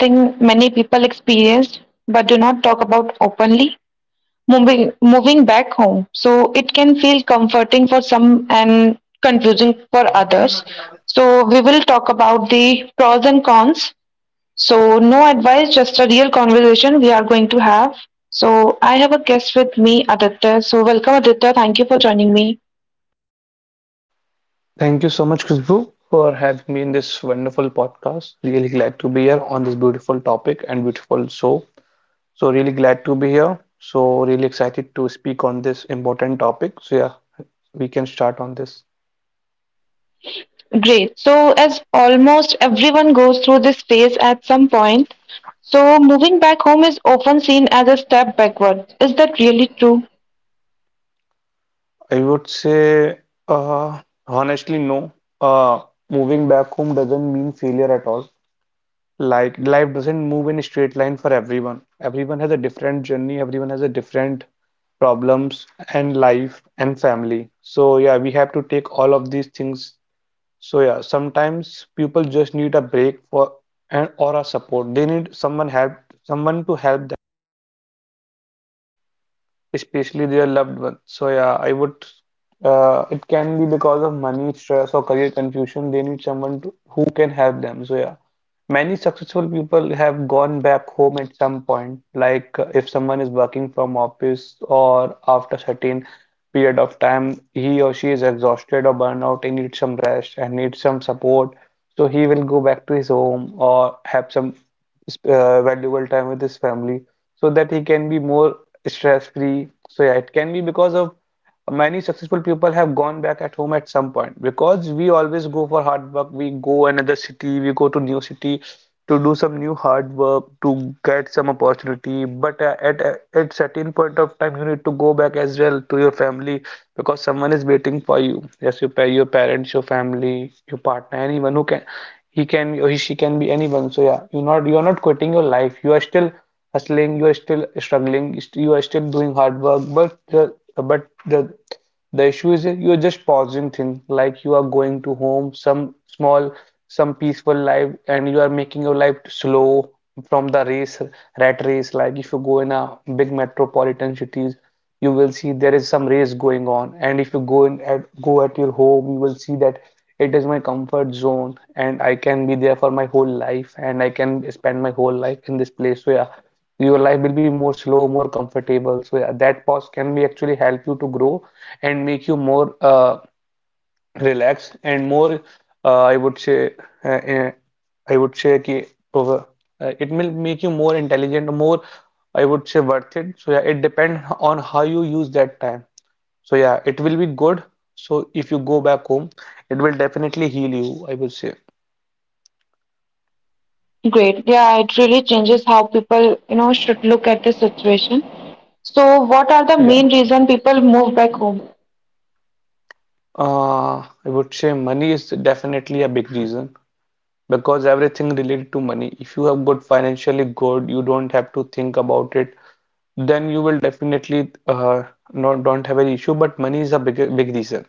Something many people experienced but do not talk about openly, moving back home. So it can feel comforting for some and confusing for others, so we will talk about the pros and cons. So no advice, just a real conversation we are going to have. So I have a guest with me, Aditya, so welcome Aditya, thank you for joining me. Thank you so much, Khushbu, for having me in this wonderful podcast. Really glad to be here on this beautiful topic and beautiful show. So really glad to be here. So really excited to speak on this important topic. So yeah, we can start on this. Great. So, as almost everyone goes through this phase at some point, so moving back home is often seen as a step backward. Is that really true? I would say, uh, honestly, no. Uh, Moving back home doesn't mean failure at all. Like life doesn't move in a straight line for everyone. Everyone has a different journey, everyone has a different problems and life and family. So yeah, we have to take all of these things. So yeah, sometimes people just need a break for and or a support. They need someone help someone to help especially their loved ones. So yeah, I would. It can be because of money, stress, or career confusion. They need someone to, who can help them. So yeah, many successful people have gone back home at some point. Like if someone is working from office or after certain period of time, he or she is exhausted or burned out. He needs some rest and needs some support. So he will go back to his home or have some valuable time with his family so that he can be more stress-free. So yeah, it can be because of many successful people have gone back at home at some point because we always go for hard work. We go another city, we go to new city to do some new hard work to get some opportunity. But at certain point of time, you need to go back as well to your family because someone is waiting for you, yes, your, your parents, your family, your partner, anyone who can he can be or he, she can be anyone. So yeah, you're not quitting your life, you are still hustling, you are still struggling, you are still doing hard work, but the issue is that you're just pausing things. Like you are going to home, some small, some peaceful life, and you are making your life slow from the race, rat race. Like if you go in a big metropolitan cities, you will see there is some race going on, and if you go in at go at your home, you will see that it is my comfort zone, and I can be there for my whole life, and I can spend my whole life in this place. So yeah, your life will be more slow, more comfortable. So yeah, that pause can be actually help you to grow and make you more relaxed and more. Uh, I would say, uh, uh, I would say कि uh, it will make you more intelligent, more I would say worth it. So yeah, it depends on how you use that time. So yeah, it will be good. So if you go back home, it will definitely heal you, I would say. Great. Yeah, it really changes how people, you know, should look at this situation. So, what are the main Yeah. reason people move back home? I would say money is definitely a big reason, because everything related to money. If you have good financially good, you don't have to think about it, then you will definitely not don't have any issue. But money is a big reason.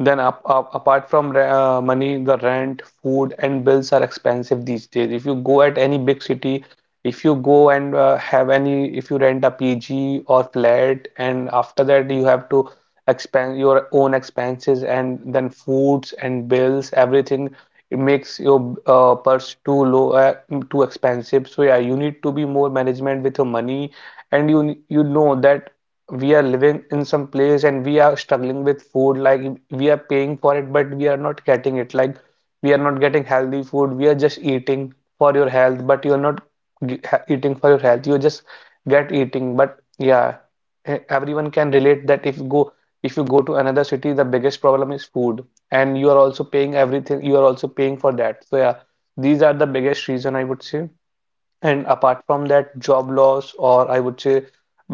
Then apart from money, the rent, food, and bills are expensive these days. If you go at any big city, if you go and have any, if you rent a PG or flat, and after that you have to expand your own expenses and then foods and bills, everything, it makes your purse too low, too expensive. So yeah, you need to be more management with your money, and you know that we are living in some place and we are struggling with food. Like we are paying for it but we are not getting it. Like we are not getting healthy food, we are just eating for your health, but you are not eating for your health, you just get eating. But yeah, everyone can relate that if you go to another city, the biggest problem is food, and you are also paying everything, you are also paying for that. So yeah, these are the biggest reason I would say. And apart from that, job loss, or I would say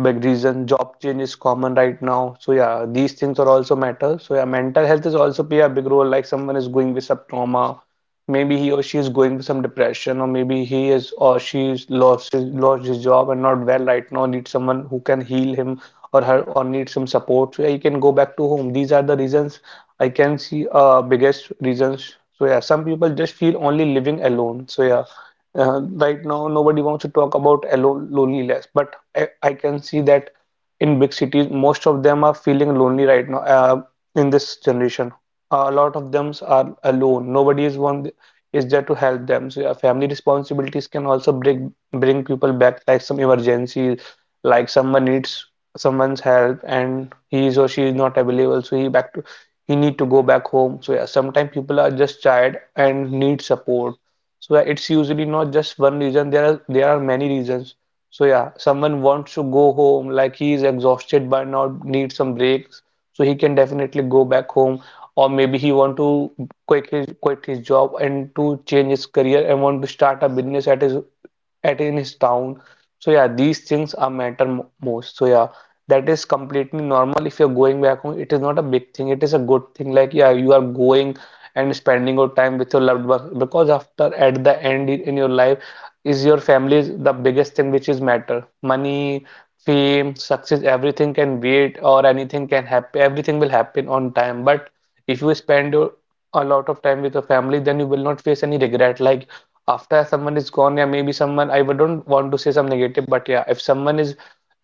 big reason, job change is common right now. So yeah, these things are also matter. So yeah, mental health is also play a big role. Like someone is going with some trauma, maybe he or she is going with some depression, or maybe he is or she's lost his job and not well right now. Need someone who can heal him or her, or need some support. So yeah, he can go back to home. These are the reasons I can see biggest reasons. So yeah, some people just feel only living alone. So yeah. Right now, nobody wants to talk about loneliness, but I can see that in big cities, most of them are feeling lonely right now in this generation. A lot of them are alone. Nobody is one is there to help them. So yeah, family responsibilities can also bring people back, like some emergencies, like someone needs someone's help and he is or she is not available, so he need to go back home. So yeah, sometimes people are just tired and need support. So yeah, it's usually not just one reason. There are many reasons. So yeah, someone wants to go home, like he is exhausted by now, need some breaks, so he can definitely go back home. Or maybe he want to quit his job and to change his career and want to start a business at in his town. So yeah, these things are matter most. So yeah, that is completely normal. If you're going back home, it is not a big thing. It is a good thing. Like yeah, you are going and spending your time with your loved ones, because after at the end in your life is your family is the biggest thing which is matter. Money, fame, success, everything can wait or anything can happen. Everything will happen on time. But if you spend your a lot of time with your family, then you will not face any regret. Like after someone is gone, yeah, maybe someone don't want to say some negative, but yeah, if someone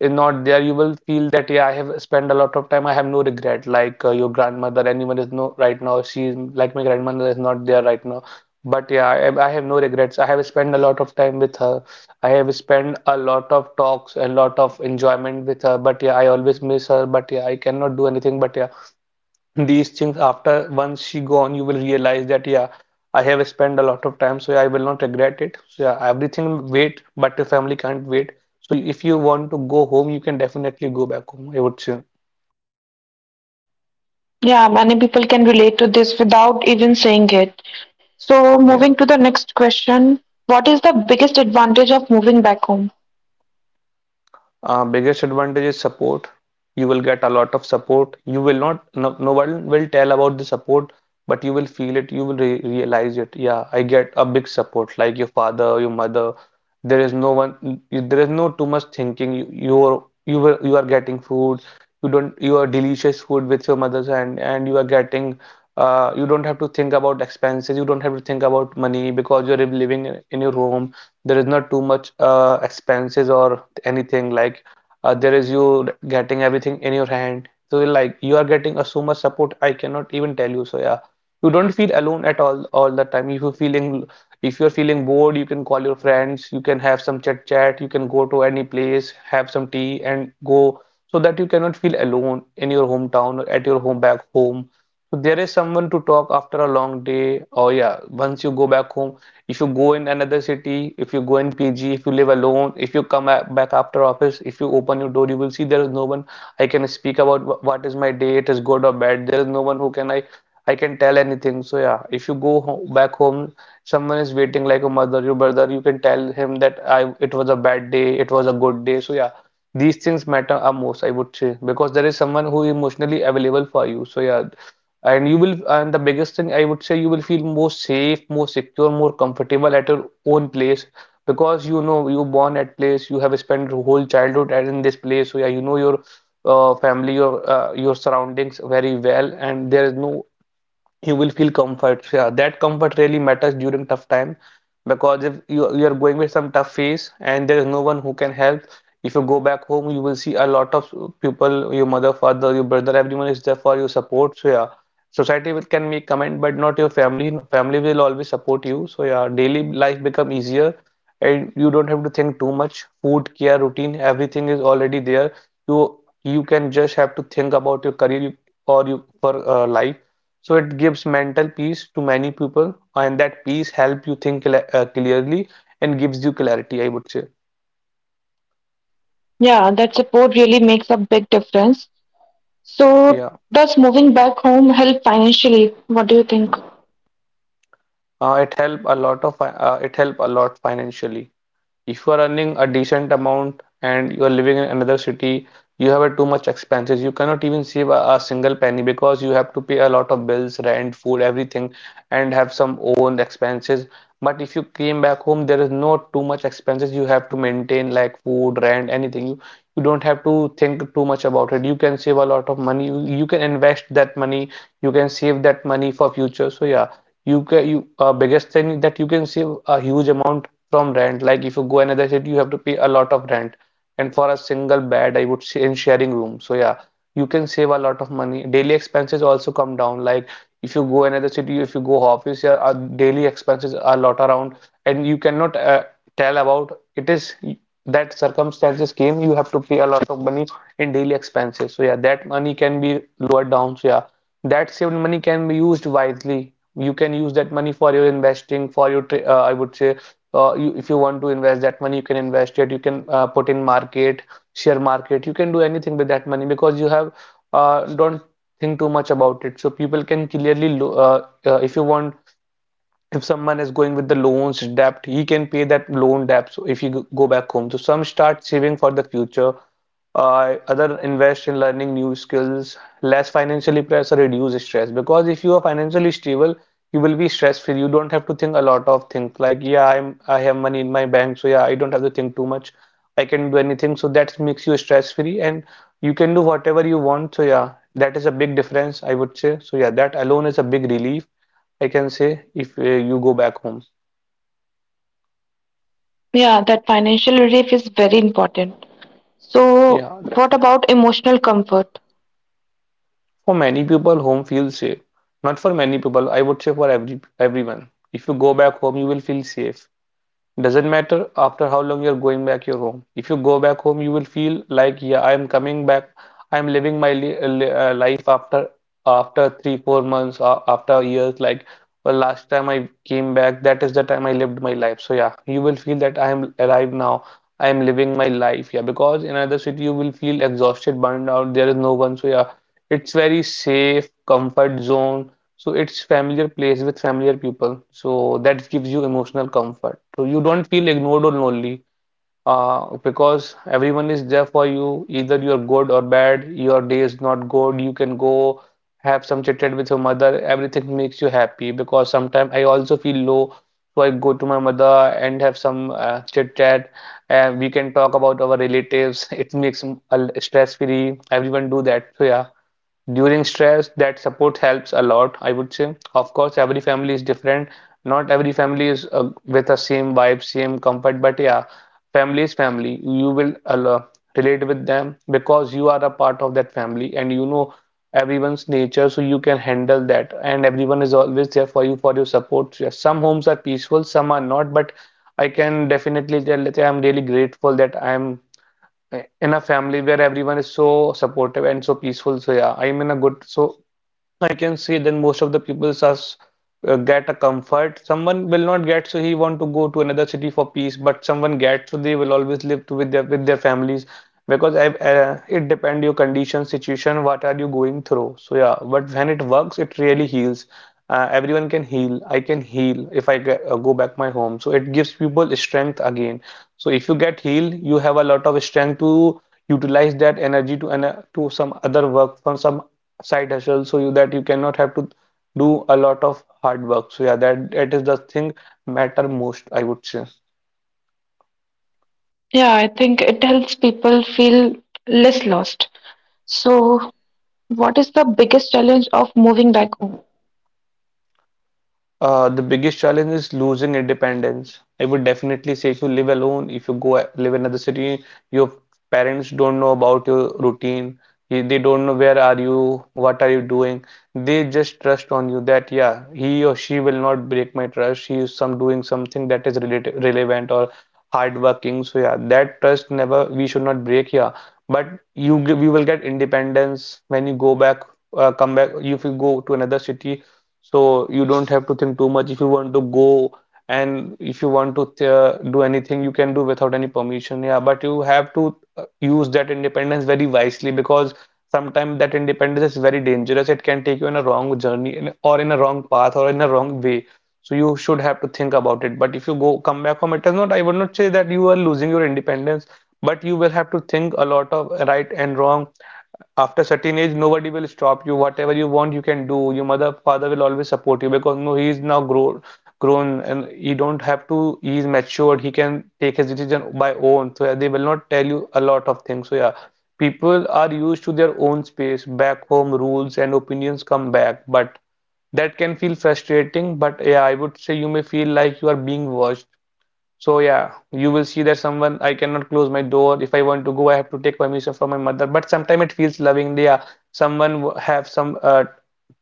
is not there, you will feel that yeah, I have spent a lot of time, I have no regret. Like your grandmother anyone is no right now, she is like my grandmother is not there right now, but yeah, I have no regrets. I have spent a lot of time with her, I have spent a lot of talks, a lot of enjoyment with her, but yeah, I always miss her, but yeah, I cannot do anything. But yeah, these things after once she gone, you will realize that yeah, I have spent a lot of time. So yeah, I will not regret it. So yeah, everything wait, but the family can't wait. So if you want to go home, you can definitely go back home, I would say. Yeah, many people can relate to this without even saying it. So, Yeah. moving to the next question, what is the biggest advantage of moving back home? Biggest advantage is support. You will get a lot of support. You will not, no, no one will tell about the support, but you will feel it. You will re realize it. Yeah, I get a big support, like your father, your mother. There is no one, there is no too much thinking. You are getting food. You don't, you are delicious food with your mother's hand, and you are getting. You don't have to think about expenses. You don't have to think about money because you're living in your home. There is not too much expenses or anything. Like there is you getting everything in your hand, so like you are getting a so much support I cannot even tell you. So yeah, you don't feel alone at all. All the time if you're feeling bored, you can call your friends, you can have some chat, you can go to any place, have some tea and go, so that you cannot feel alone in your hometown or at your home back home. So there is someone to talk after a long day. Or yeah, once you go back home, if you go in another city, if you go in PG, if you live alone, if you come back after office, if you open your door, you will see there is no one I can speak about what is my day, it is good or bad. There is no one who can I can tell anything. So yeah, if you go ho back home, someone is waiting like a mother, your brother, you can tell him that I it was a bad day, it was a good day. So yeah, these things matter are most, I would say, because there is someone who is emotionally available for you. So yeah, and you will and the biggest thing I would say you will feel more safe, more secure, more comfortable at your own place because you know you born at place, you have spent your whole childhood at in this place, so yeah, you know your family, your surroundings very well, and there is no you will feel comfort. Yeah, that comfort really matters during tough time because if you are going with some tough phase and there is no one who can help, if you go back home, you will see a lot of people, your mother, father, your brother, everyone is there for your support. So yeah, society will, can make comment, but not your family. Family will always support you. So yeah, daily life become easier and you don't have to think too much. Food, care, routine, everything is already there. You can just have to think about your career or you for life, so it gives mental peace to many people and that peace help you think cl clearly and gives you clarity, I would say. Yeah, that support really makes a big difference. So, Yeah. does moving back home help financially? What do you think? It help a lot it help a lot financially. If you are earning a decent amount and you are living in another city, you have a too much expenses. You cannot even save a single penny because you have to pay a lot of bills, rent, food, everything, and have some own expenses. But if you came back home, there is not too much expenses you have to maintain like food, rent, anything. You don't have to think too much about it. You can save a lot of money. You can invest that money. You can save that money for future. So yeah, you can you biggest thing that you can save a huge amount from rent. Like if you go another city, you have to pay a lot of rent. And for a single bed, I would say in sharing room. So yeah, you can save a lot of money. Daily expenses also come down. Like if you go another city, if you go office, your daily expenses are a lot around, and you cannot tell about it is that circumstances came. You have to pay a lot of money in daily expenses. So yeah, that money can be lowered down. So yeah, that saved money can be used wisely. You can use that money for your investing, I would say if you want to invest that money, you can invest it. You can put in market, share market. You can do anything with that money because you have don't think too much about it. So people can clearly if you want, if someone is going with the loans debt, he can pay that loan debt. So if you go back home, so some start saving for the future, other invest in learning new skills, less financially pressure, reduce stress. Because if you are financially stable, you will be stress free. You don't have to think a lot of things like, yeah, I have money in my bank, so yeah, I don't have to think too much. I can do anything. So that makes you stress free and you can do whatever you want. So yeah, that is a big difference, I would say. So yeah, that alone is a big relief, I can say, if you go back home. Yeah, that financial relief is very important. So, Yeah, what definitely. about emotional comfort? For many people, home feels safe. Not for many people, I would say for everyone. If you go back home, you will feel safe. Doesn't matter after how long you're going back your home. If you go back home, you will feel like, yeah, I am coming back. I am living my li life after three, 4 months, after years. Like well, last time I came back, that is the time I lived my life. So yeah, you will feel that I am alive now. I am living my life. Yeah, because in another city you will feel exhausted, burned out. There is no one. So yeah, it's very safe, comfort zone. So it's familiar place with familiar people. So that gives you emotional comfort. So you don't feel ignored or lonely because everyone is there for you. Either you're good or bad, your day is not good, you can go have some chit chat with your mother. Everything makes you happy because sometimes I also feel low. So I go to my mother and have some chit chat and we can talk about our relatives. It makes stress free. Everyone do that. So yeah. During stress, that support helps a lot, I would say. Of course, every family is different. Not every family is with the same vibe, same comfort, but yeah, family is family. You will relate with them because you are a part of that family and you know everyone's nature, so you can handle that. And everyone is always there for you for your support. Yes, some homes are peaceful, some are not, but I can definitely tell that yeah, I'm really grateful that I'm in a family where everyone is so supportive and so peaceful. So yeah, I'm in a good. I can see then most of the people are get a comfort. Someone will not get, so he want to go to another city for peace. But someone gets, so they will always live with their families because it depend your condition, situation, what are you going through. So yeah, but when it works, it really heals. Everyone can heal. I can heal if I go back my home. So it gives people strength again. So if you get healed, you have a lot of strength to utilize that energy to some other work, from some side hustle so you that you cannot have to do a lot of hard work. So yeah, that is the thing matter most, I would say. Yeah, I think it helps people feel less lost. So, what is the biggest challenge of moving back home? The biggest challenge is losing independence. I would definitely say if you live alone, if you live in another city, your parents don't know about your routine. They don't know where are you, what are you doing. They just trust on you that yeah, he or she will not break my trust. She is some doing something that is related, relevant or hardworking. So yeah, that trust never we should not break here. But we will get independence when you go back, come back. If you go to another city, so you don't have to think too much. If you want to go and if you want to do anything, you can do without any permission. Yeah, but you have to use that independence very wisely because sometimes that independence is very dangerous. It can take you in a wrong journey or in a wrong path or in a wrong way. So you should have to think about it. But if you go come back home, it does not, I would not say that you are losing your independence, but you will have to think a lot of right and wrong. After certain age, nobody will stop you. Whatever you want, you can do. Your mother, father will always support you because no, he is now grown and he don't have to. He is matured. He can take his decision by own. So yeah, they will not tell you a lot of things. So yeah, people are used to their own space. Back home rules and opinions come back, but that can feel frustrating, but yeah, I would say you may feel like you are being watched. So yeah, you will see that someone I cannot close my door. If I want to go, I have to take permission from my mother. But sometimes it feels loving. Yeah, have some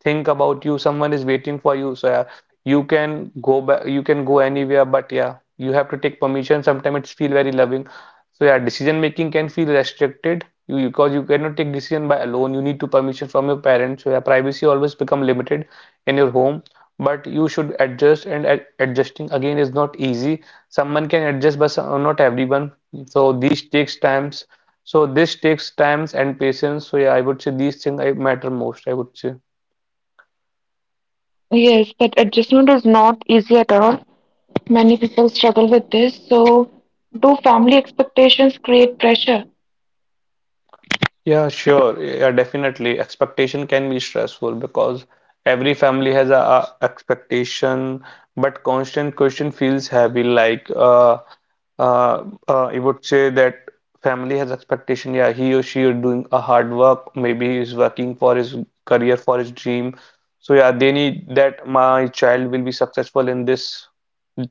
think about you. Someone is waiting for you. So yeah, you can go back. You can go anywhere. But yeah, you have to take permission. Sometimes it feel very loving. So yeah, decision making can feel restricted. You because you cannot take decision by alone. You need to permission from your parents. So yeah, privacy always become limited in your home. But you should adjust, and adjusting again is not easy. Someone can adjust, but not everyone, so these takes times. So this takes times and patience. So yeah, I would say these things I matter most, I would say. Yes, that adjustment is not easy at all. Many people struggle with this. So, do family expectations create pressure? Yeah, sure, yeah, definitely expectation can be stressful, because every family has a expectation, but constant question feels heavy, like I would say that family has expectation. Yeah, he or she is doing a hard work. Maybe he's working for his career, for his dream. So yeah, they need that my child will be successful in this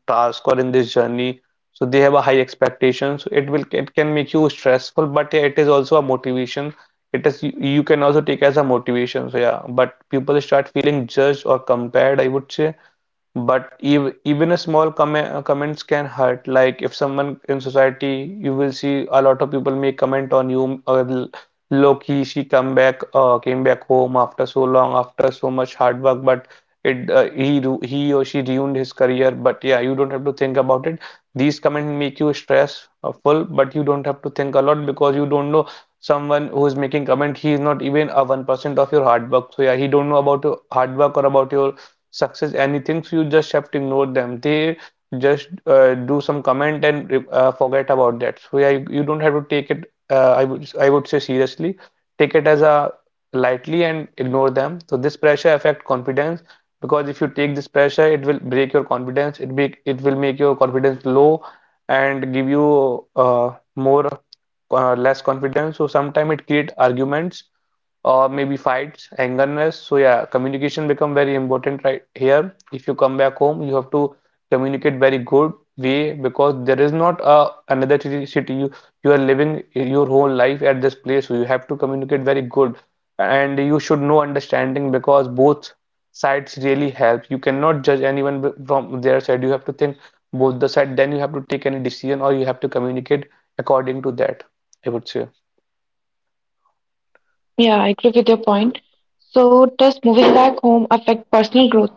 task or in this journey. So they have a high expectation. So it can make you stressful, but yeah, it is also a motivation. You can also take as a motivation. So yeah, but people start feeling judged or compared, I would say. But ev even a small comments can hurt. Like if someone in society, you will see a lot of people may comment on you, or low key she come back came back home after so long, after so much hard work, but he or she ruined his career. But yeah, you don't have to think about it. These comments make you stressful, but you don't have to think a lot, because you don't know someone who is making comment. He is not even a 1% of your hard work. So yeah, he don't know about your hard work or about your success anythings. You just have to ignore them. They just do some comment and forget about that. So yeah, you don't have to take it. I would say seriously, take it as a lightly and ignore them. So this pressure affect confidence, because if you take this pressure it will break your confidence. It will make your confidence low and give you more less confidence. So sometimes it create arguments, or maybe fights, angerness. So yeah, communication become very important right here. If you come back home, you have to communicate very good way, because there is not a another city, you are living your whole life at this place. So you have to communicate very good, and you should know understanding, because both sides really help. You cannot judge anyone from their side. You have to think both the side. Then you have to take any decision, or you have to communicate according to that, I would say. Yeah, I agree with your point. So, does moving back home affect personal growth?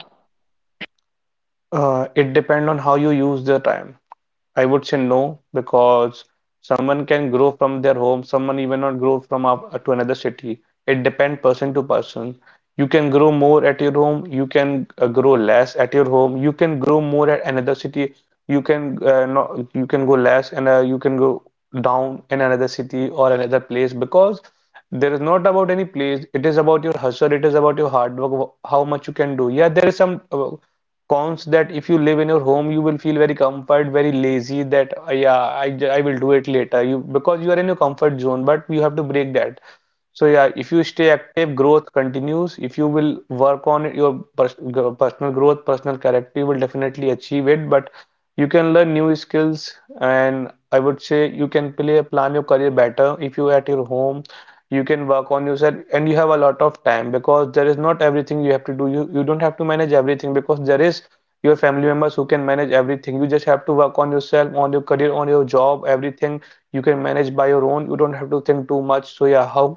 It depend on how you use the time. I would say no, because someone can grow from their home, someone even not grow from up to another city. It depends person to person. You can grow more at your home, you can grow less at your home, you can grow more at another city, you can no, you can go less, and you can go down in another city or another place, because there is not about any place. It is about your hustle, it is about your hard work, how much you can do. Yeah, there is some cons that if you live in your home you will feel very comfort, very lazy, that yeah, I will do it later," you, because you are in your comfort zone, but you have to break that. So yeah, if you stay active, growth continues. If you will work on your personal growth, personal character, you will definitely achieve it. But you can learn new skills, and I would say you can play plan your career better if you at your home. You can work on yourself, and you have a lot of time, because there is not everything you have to do. You don't have to manage everything, because there is your family members who can manage everything. You just have to work on yourself, on your career, on your job. Everything you can manage by your own. You don't have to think too much. So yeah, how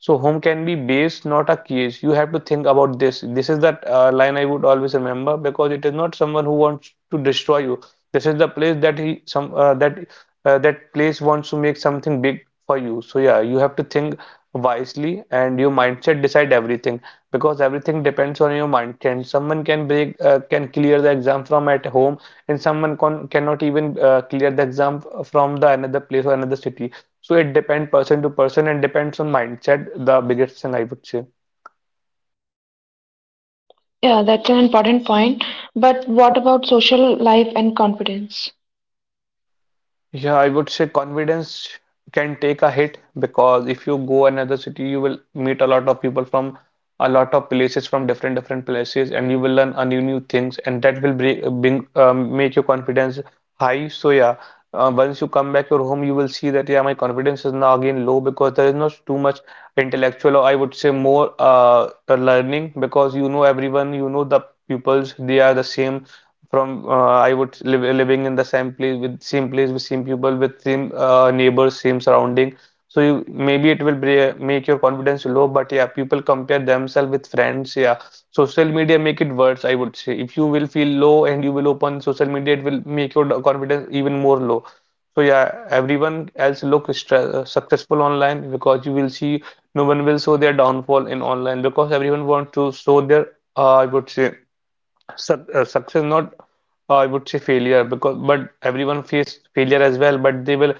so home can be base, not a cage. You have to think about this. This is That line I would always remember, because it is not someone who wants to destroy you. This is the place that he some that that place wants to make something big for you. So yeah, you have to think wisely, and your mindset decide everything, because everything depends on your mindset. Someone can clear the exam from at home, and someone con cannot even clear the exam from the another place or another city. So it depends person to person, and depends on mindset, the biggest thing, I would say. Yeah, that's an important point. But what about social life and confidence? Yeah, I would say confidence can take a hit, because if you go another city, you will meet a lot of people from a lot of places, from different places, and you will learn a new things, and that will bring, bring make your confidence high. So yeah, once you come back your home, you will see that yeah, my confidence is now again low, because there is not too much intellectual, or I would say more learning, because you know everyone, you know the pupils, they are the same. From living in the same place, with same place, with same people, with same neighbors, same surrounding. So you maybe make your confidence low. But yeah, people compare themselves with friends, yeah. Social media make it worse, I would say. If you will feel low and you will open social media, it will make your confidence even more low. So yeah, everyone else look successful online, because you will see no one will show their downfall in online, because everyone wants to show their I would say success, not I would say failure, because but everyone faced failure as well, but they will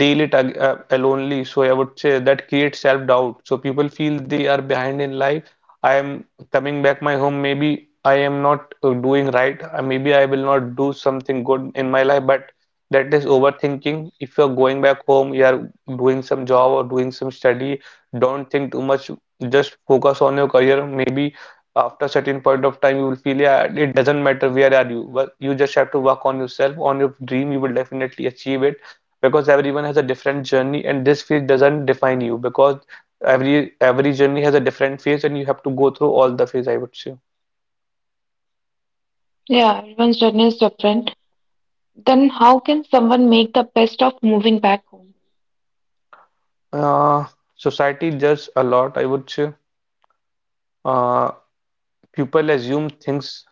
deal it ag alonely. So I would say that creates self-doubt. So people feel they are behind in life. I am coming back my home. Maybe I am not doing right. Maybe I will not do something good in my life. But that is overthinking. If you are going back home, you are doing some job or doing some study. Don't think too much. Just focus on your career. Maybe after certain point of time you will feel yeah, it doesn't matter where are you, but you just have to work on yourself, on your dream, you will definitely achieve it, because everyone has a different journey, and this phase doesn't define you, because every journey has a different phase, and you have to go through all the phase, I would say. Yeah, everyone's journey is different. Then, how can someone make the best of moving back home? uh, Society judges a lot, I would say. uh, People assume things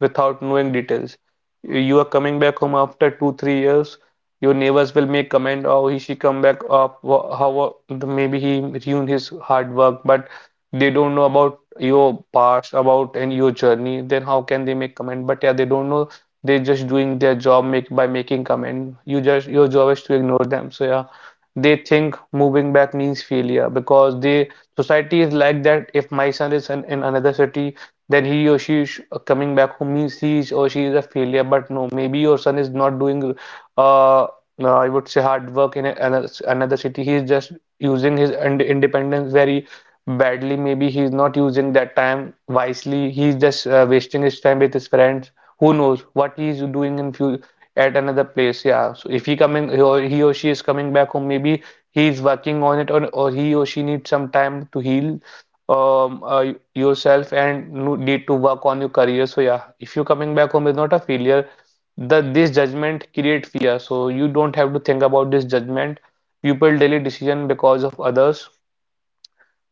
without knowing details. You are coming back home after two, 3 years. Your neighbors will make comment, oh, he she come back up, wha- how maybe he ruined his hard work, but they don't know about your past, about and your journey. Then how can they make comment? But yeah, they don't know. They're just doing their job make by making comment. Your job is to ignore them. So yeah, they think moving back means failure, because they society is like that. If my son is in another city, then he or she is coming back home means he is or she is a failure. But no, maybe your son is not doing, uh, uh, I would say, hard work in another city. He is just using his independence very badly. Maybe he is not using that time wisely. He is just wasting his time with his friends. Who knows what he is doing in few at another place? Yeah. So if he coming he or she is coming back home, maybe he is working on it, or he or she needs some time to heal um, uh, yourself, and you need to work on your career. So yeah, if you coming back home is not a failure, the this judgment create fear. So you don't have to think about this judgment. People delay decision because of others.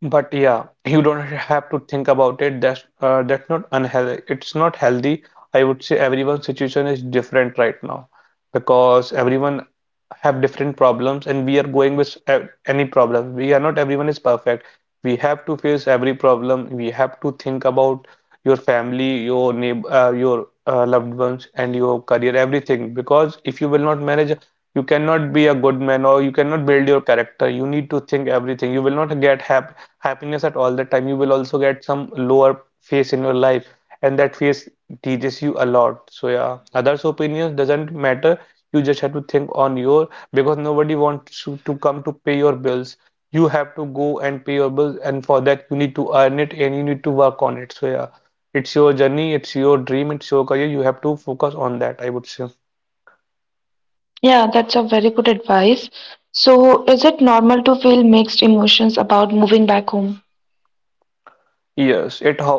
But yeah, you don't have to think about it. That's not unhealthy. It's not healthy. I would say everyone's situation is different right now, because everyone have different problems, and we are going with any problem. We are Not everyone is perfect. We have to face every problem. We have to think about your family, your neighbor, your loved ones, and your career, everything. Because if you will not manage, you cannot be a good man, or you cannot build your character. You need to think everything. You will not get happy happiness at all the time, you will also get some lower phase in your life, and that phase teaches you a lot. So yeah, others' opinions doesn't matter. You just have to think on your because nobody wants to come to pay your bills. You have to go and pay your bills, and for that you need to earn it and you need to work on it. So yeah, it's your journey, it's your dream, it's your career. You have to focus on that, I would say. Yeah, that's a very good advice. So, is it normal to feel mixed emotions about moving back home? Yes, it ho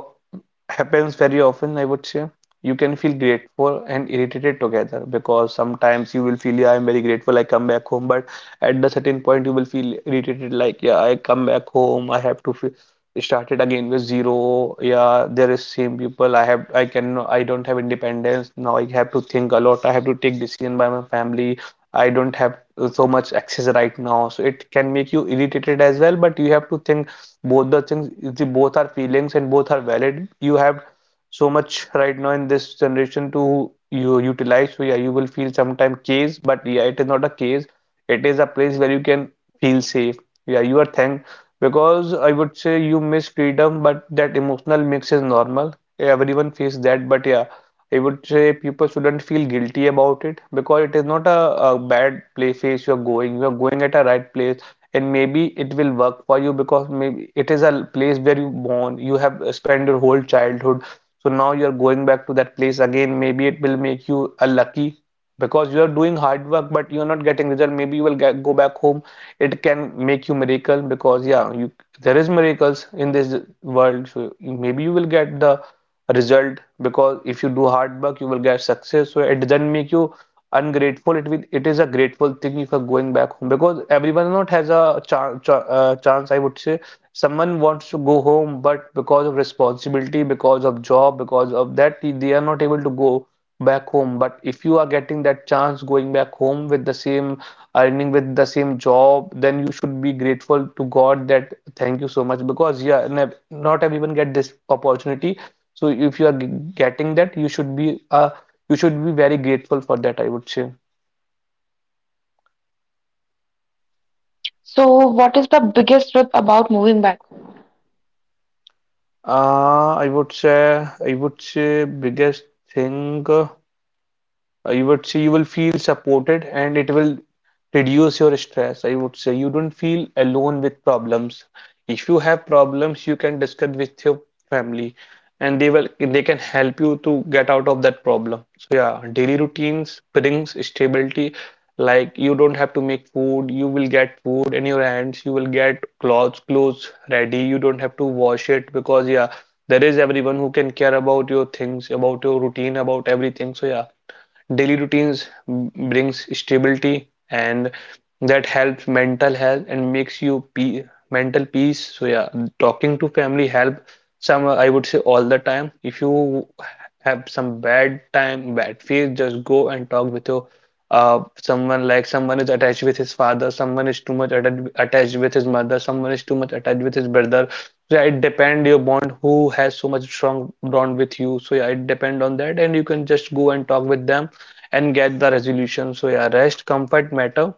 happens very often, I would say. You can feel grateful and irritated together because sometimes you will feel, yeah, I'm very grateful, I come back home. But at the certain point, you will feel irritated, like, yeah, I come back home, I have to feel, start it again with zero. Yeah, there is same people. I don't have independence. Now I have to think a lot. I have to take decision by my family. I don't have so much access right now. So it can make you irritated as well, but you have to think both the things, the both are feelings and both are valid. You have so much right now in this generation to you utilize. So yeah, you will feel sometime case, but yeah, it is not a case, it is a place where you can feel safe. Yeah, you are thank, because I would say you miss freedom, but that emotional mix is normal, everyone faces that. But yeah, I would say people shouldn't feel guilty about it, because it is not a bad play phase you are going, you are going at a right place. And maybe it will work for you, because maybe it is a place where you born, you have spent your whole childhood. So now you're going back to that place again, maybe it will make you a lucky. Because you are doing hard work but you're not getting result, maybe you will get, go back home, it can make you miracle. Because yeah, you, there is miracles in this world, so maybe you will get the result. Because if you do hard work you will get success, so it doesn't make you ungrateful, it will, it is a grateful thing if you're going back home. Because everyone not has a chance, I would say. Someone wants to go home, but because of responsibility, because of job, because of that, they are not able to go back home. But if you are getting that chance, going back home with the same earning, with the same job, then you should be grateful to God that thank you so much. Because yeah, not everyone get this opportunity. So if you are getting that, you should be a, you should be very grateful for that, I would say. So, what is the biggest truth about moving back home? I would say, biggest thing. You would say you will feel supported, and it will reduce your stress, I would say. You don't feel alone with problems. If you have problems you can discuss with your family, and they can help you to get out of that problem. So yeah, daily routines brings stability, like you don't have to make food, you will get food in your hands, you will get clothes ready, you don't have to wash it. Because yeah, there is everyone who can care about your things, about your routine, about everything. So yeah, daily routines brings stability, and that helps mental health and makes you pe mental peace. So yeah, talking to family help some, I would say all the time. If you have some bad time, bad phase, just go and talk with your someone. Like someone is attached with his father, someone is too much attached with his mother, someone is too much attached with his brother. So yeah, it depend your bond, who has so much strong bond with you. So yeah, it depend on that, and you can just go and talk with them and get the resolution. So yeah, rest, comfort matter.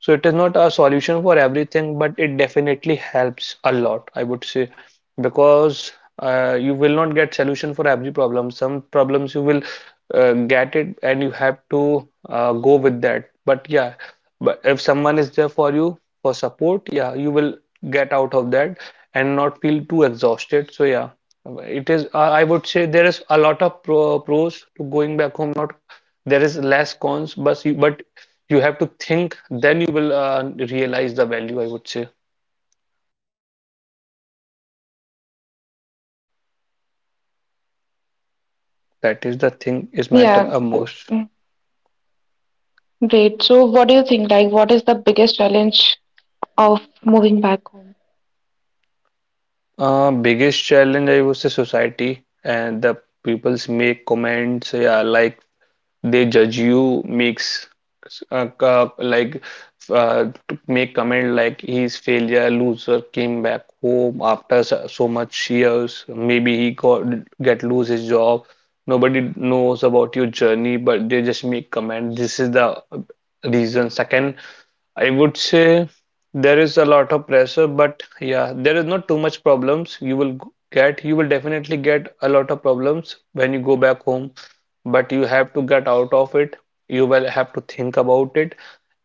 So it is not a solution for everything, but it definitely helps a lot, I would say. Because you will not get solution for every problem. Some problems you will get it and you have to go with that. But yeah, but if someone is there for you for support, yeah, you will get out of that and not feel too exhausted. So yeah, it is. I would say there is a lot of pros to going back home, not, there is less cons, but you have to think, then you will realize the value, I would say. That is the thing is Yeah, matter a most. mm, great. So, what do you think? Like, what is the biggest challenge of moving back home? Biggest challenge, I would say, society and the people's make comments. Yeah, like they judge you, makes like to make comment like he's failure, loser, came back home after so much years, maybe he got, get lose his job. Nobody knows about your journey, but they just make comment. This is the reason. Second, I would say there is a lot of pressure, but yeah, there is not too much problems you will get. You will definitely get a lot of problems when you go back home, but you have to get out of it. You will have to think about it,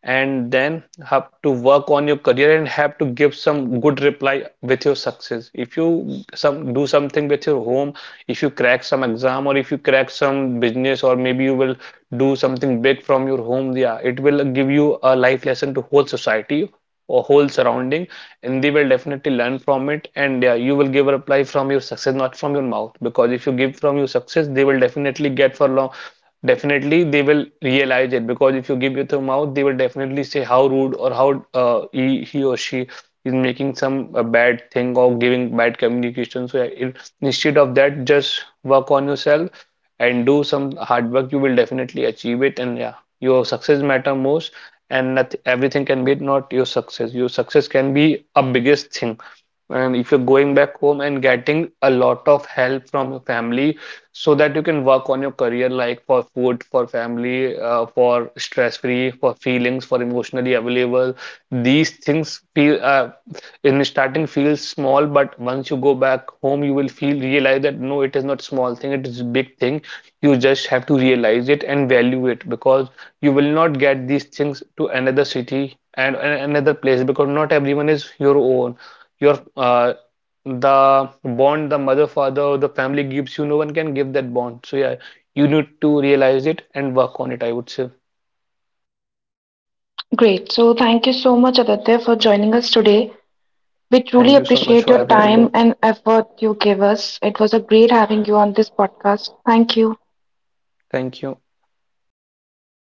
and then have to work on your career, and have to give some good reply with your success. If you some do something with your home, if you crack some exam, or if you crack some business, or maybe you will do something big from your home, yeah it will give you a life lesson to whole society or whole surrounding, and they will definitely learn from it. And yeah, you will give a reply from your success, not from your mouth. Because if you give from your success they will definitely get for long, definitely they will realize it. Because if you give it to mouth they will definitely say how rude, or how he or she is making some bad thing, or giving bad communication. So it, instead of that, just work on yourself and do some hard work, you will definitely achieve it. And yeah, your success matter most, and everything can be not your success, your success can be a biggest thing. And if you're going back home and getting a lot of help from your family, so that you can work on your career, like for food, for family, for stress-free, for feelings, for emotionally available. These things feel in the starting feels small, but once you go back home, you will feel realize that no, it is not small thing, it is big thing. You just have to realize it and value it, because you will not get these things to another city and another place, because not everyone is your own. Your the bond the mother, father, or the family gives you, no one can give that bond. So yeah, you need to realize it and work on it, I would say. Great. So thank you so much, Aditya, for joining us today. We truly Thank you so much appreciate for your having me. time and effort you gave us. It was a great having you on this podcast. Thank you. Thank you.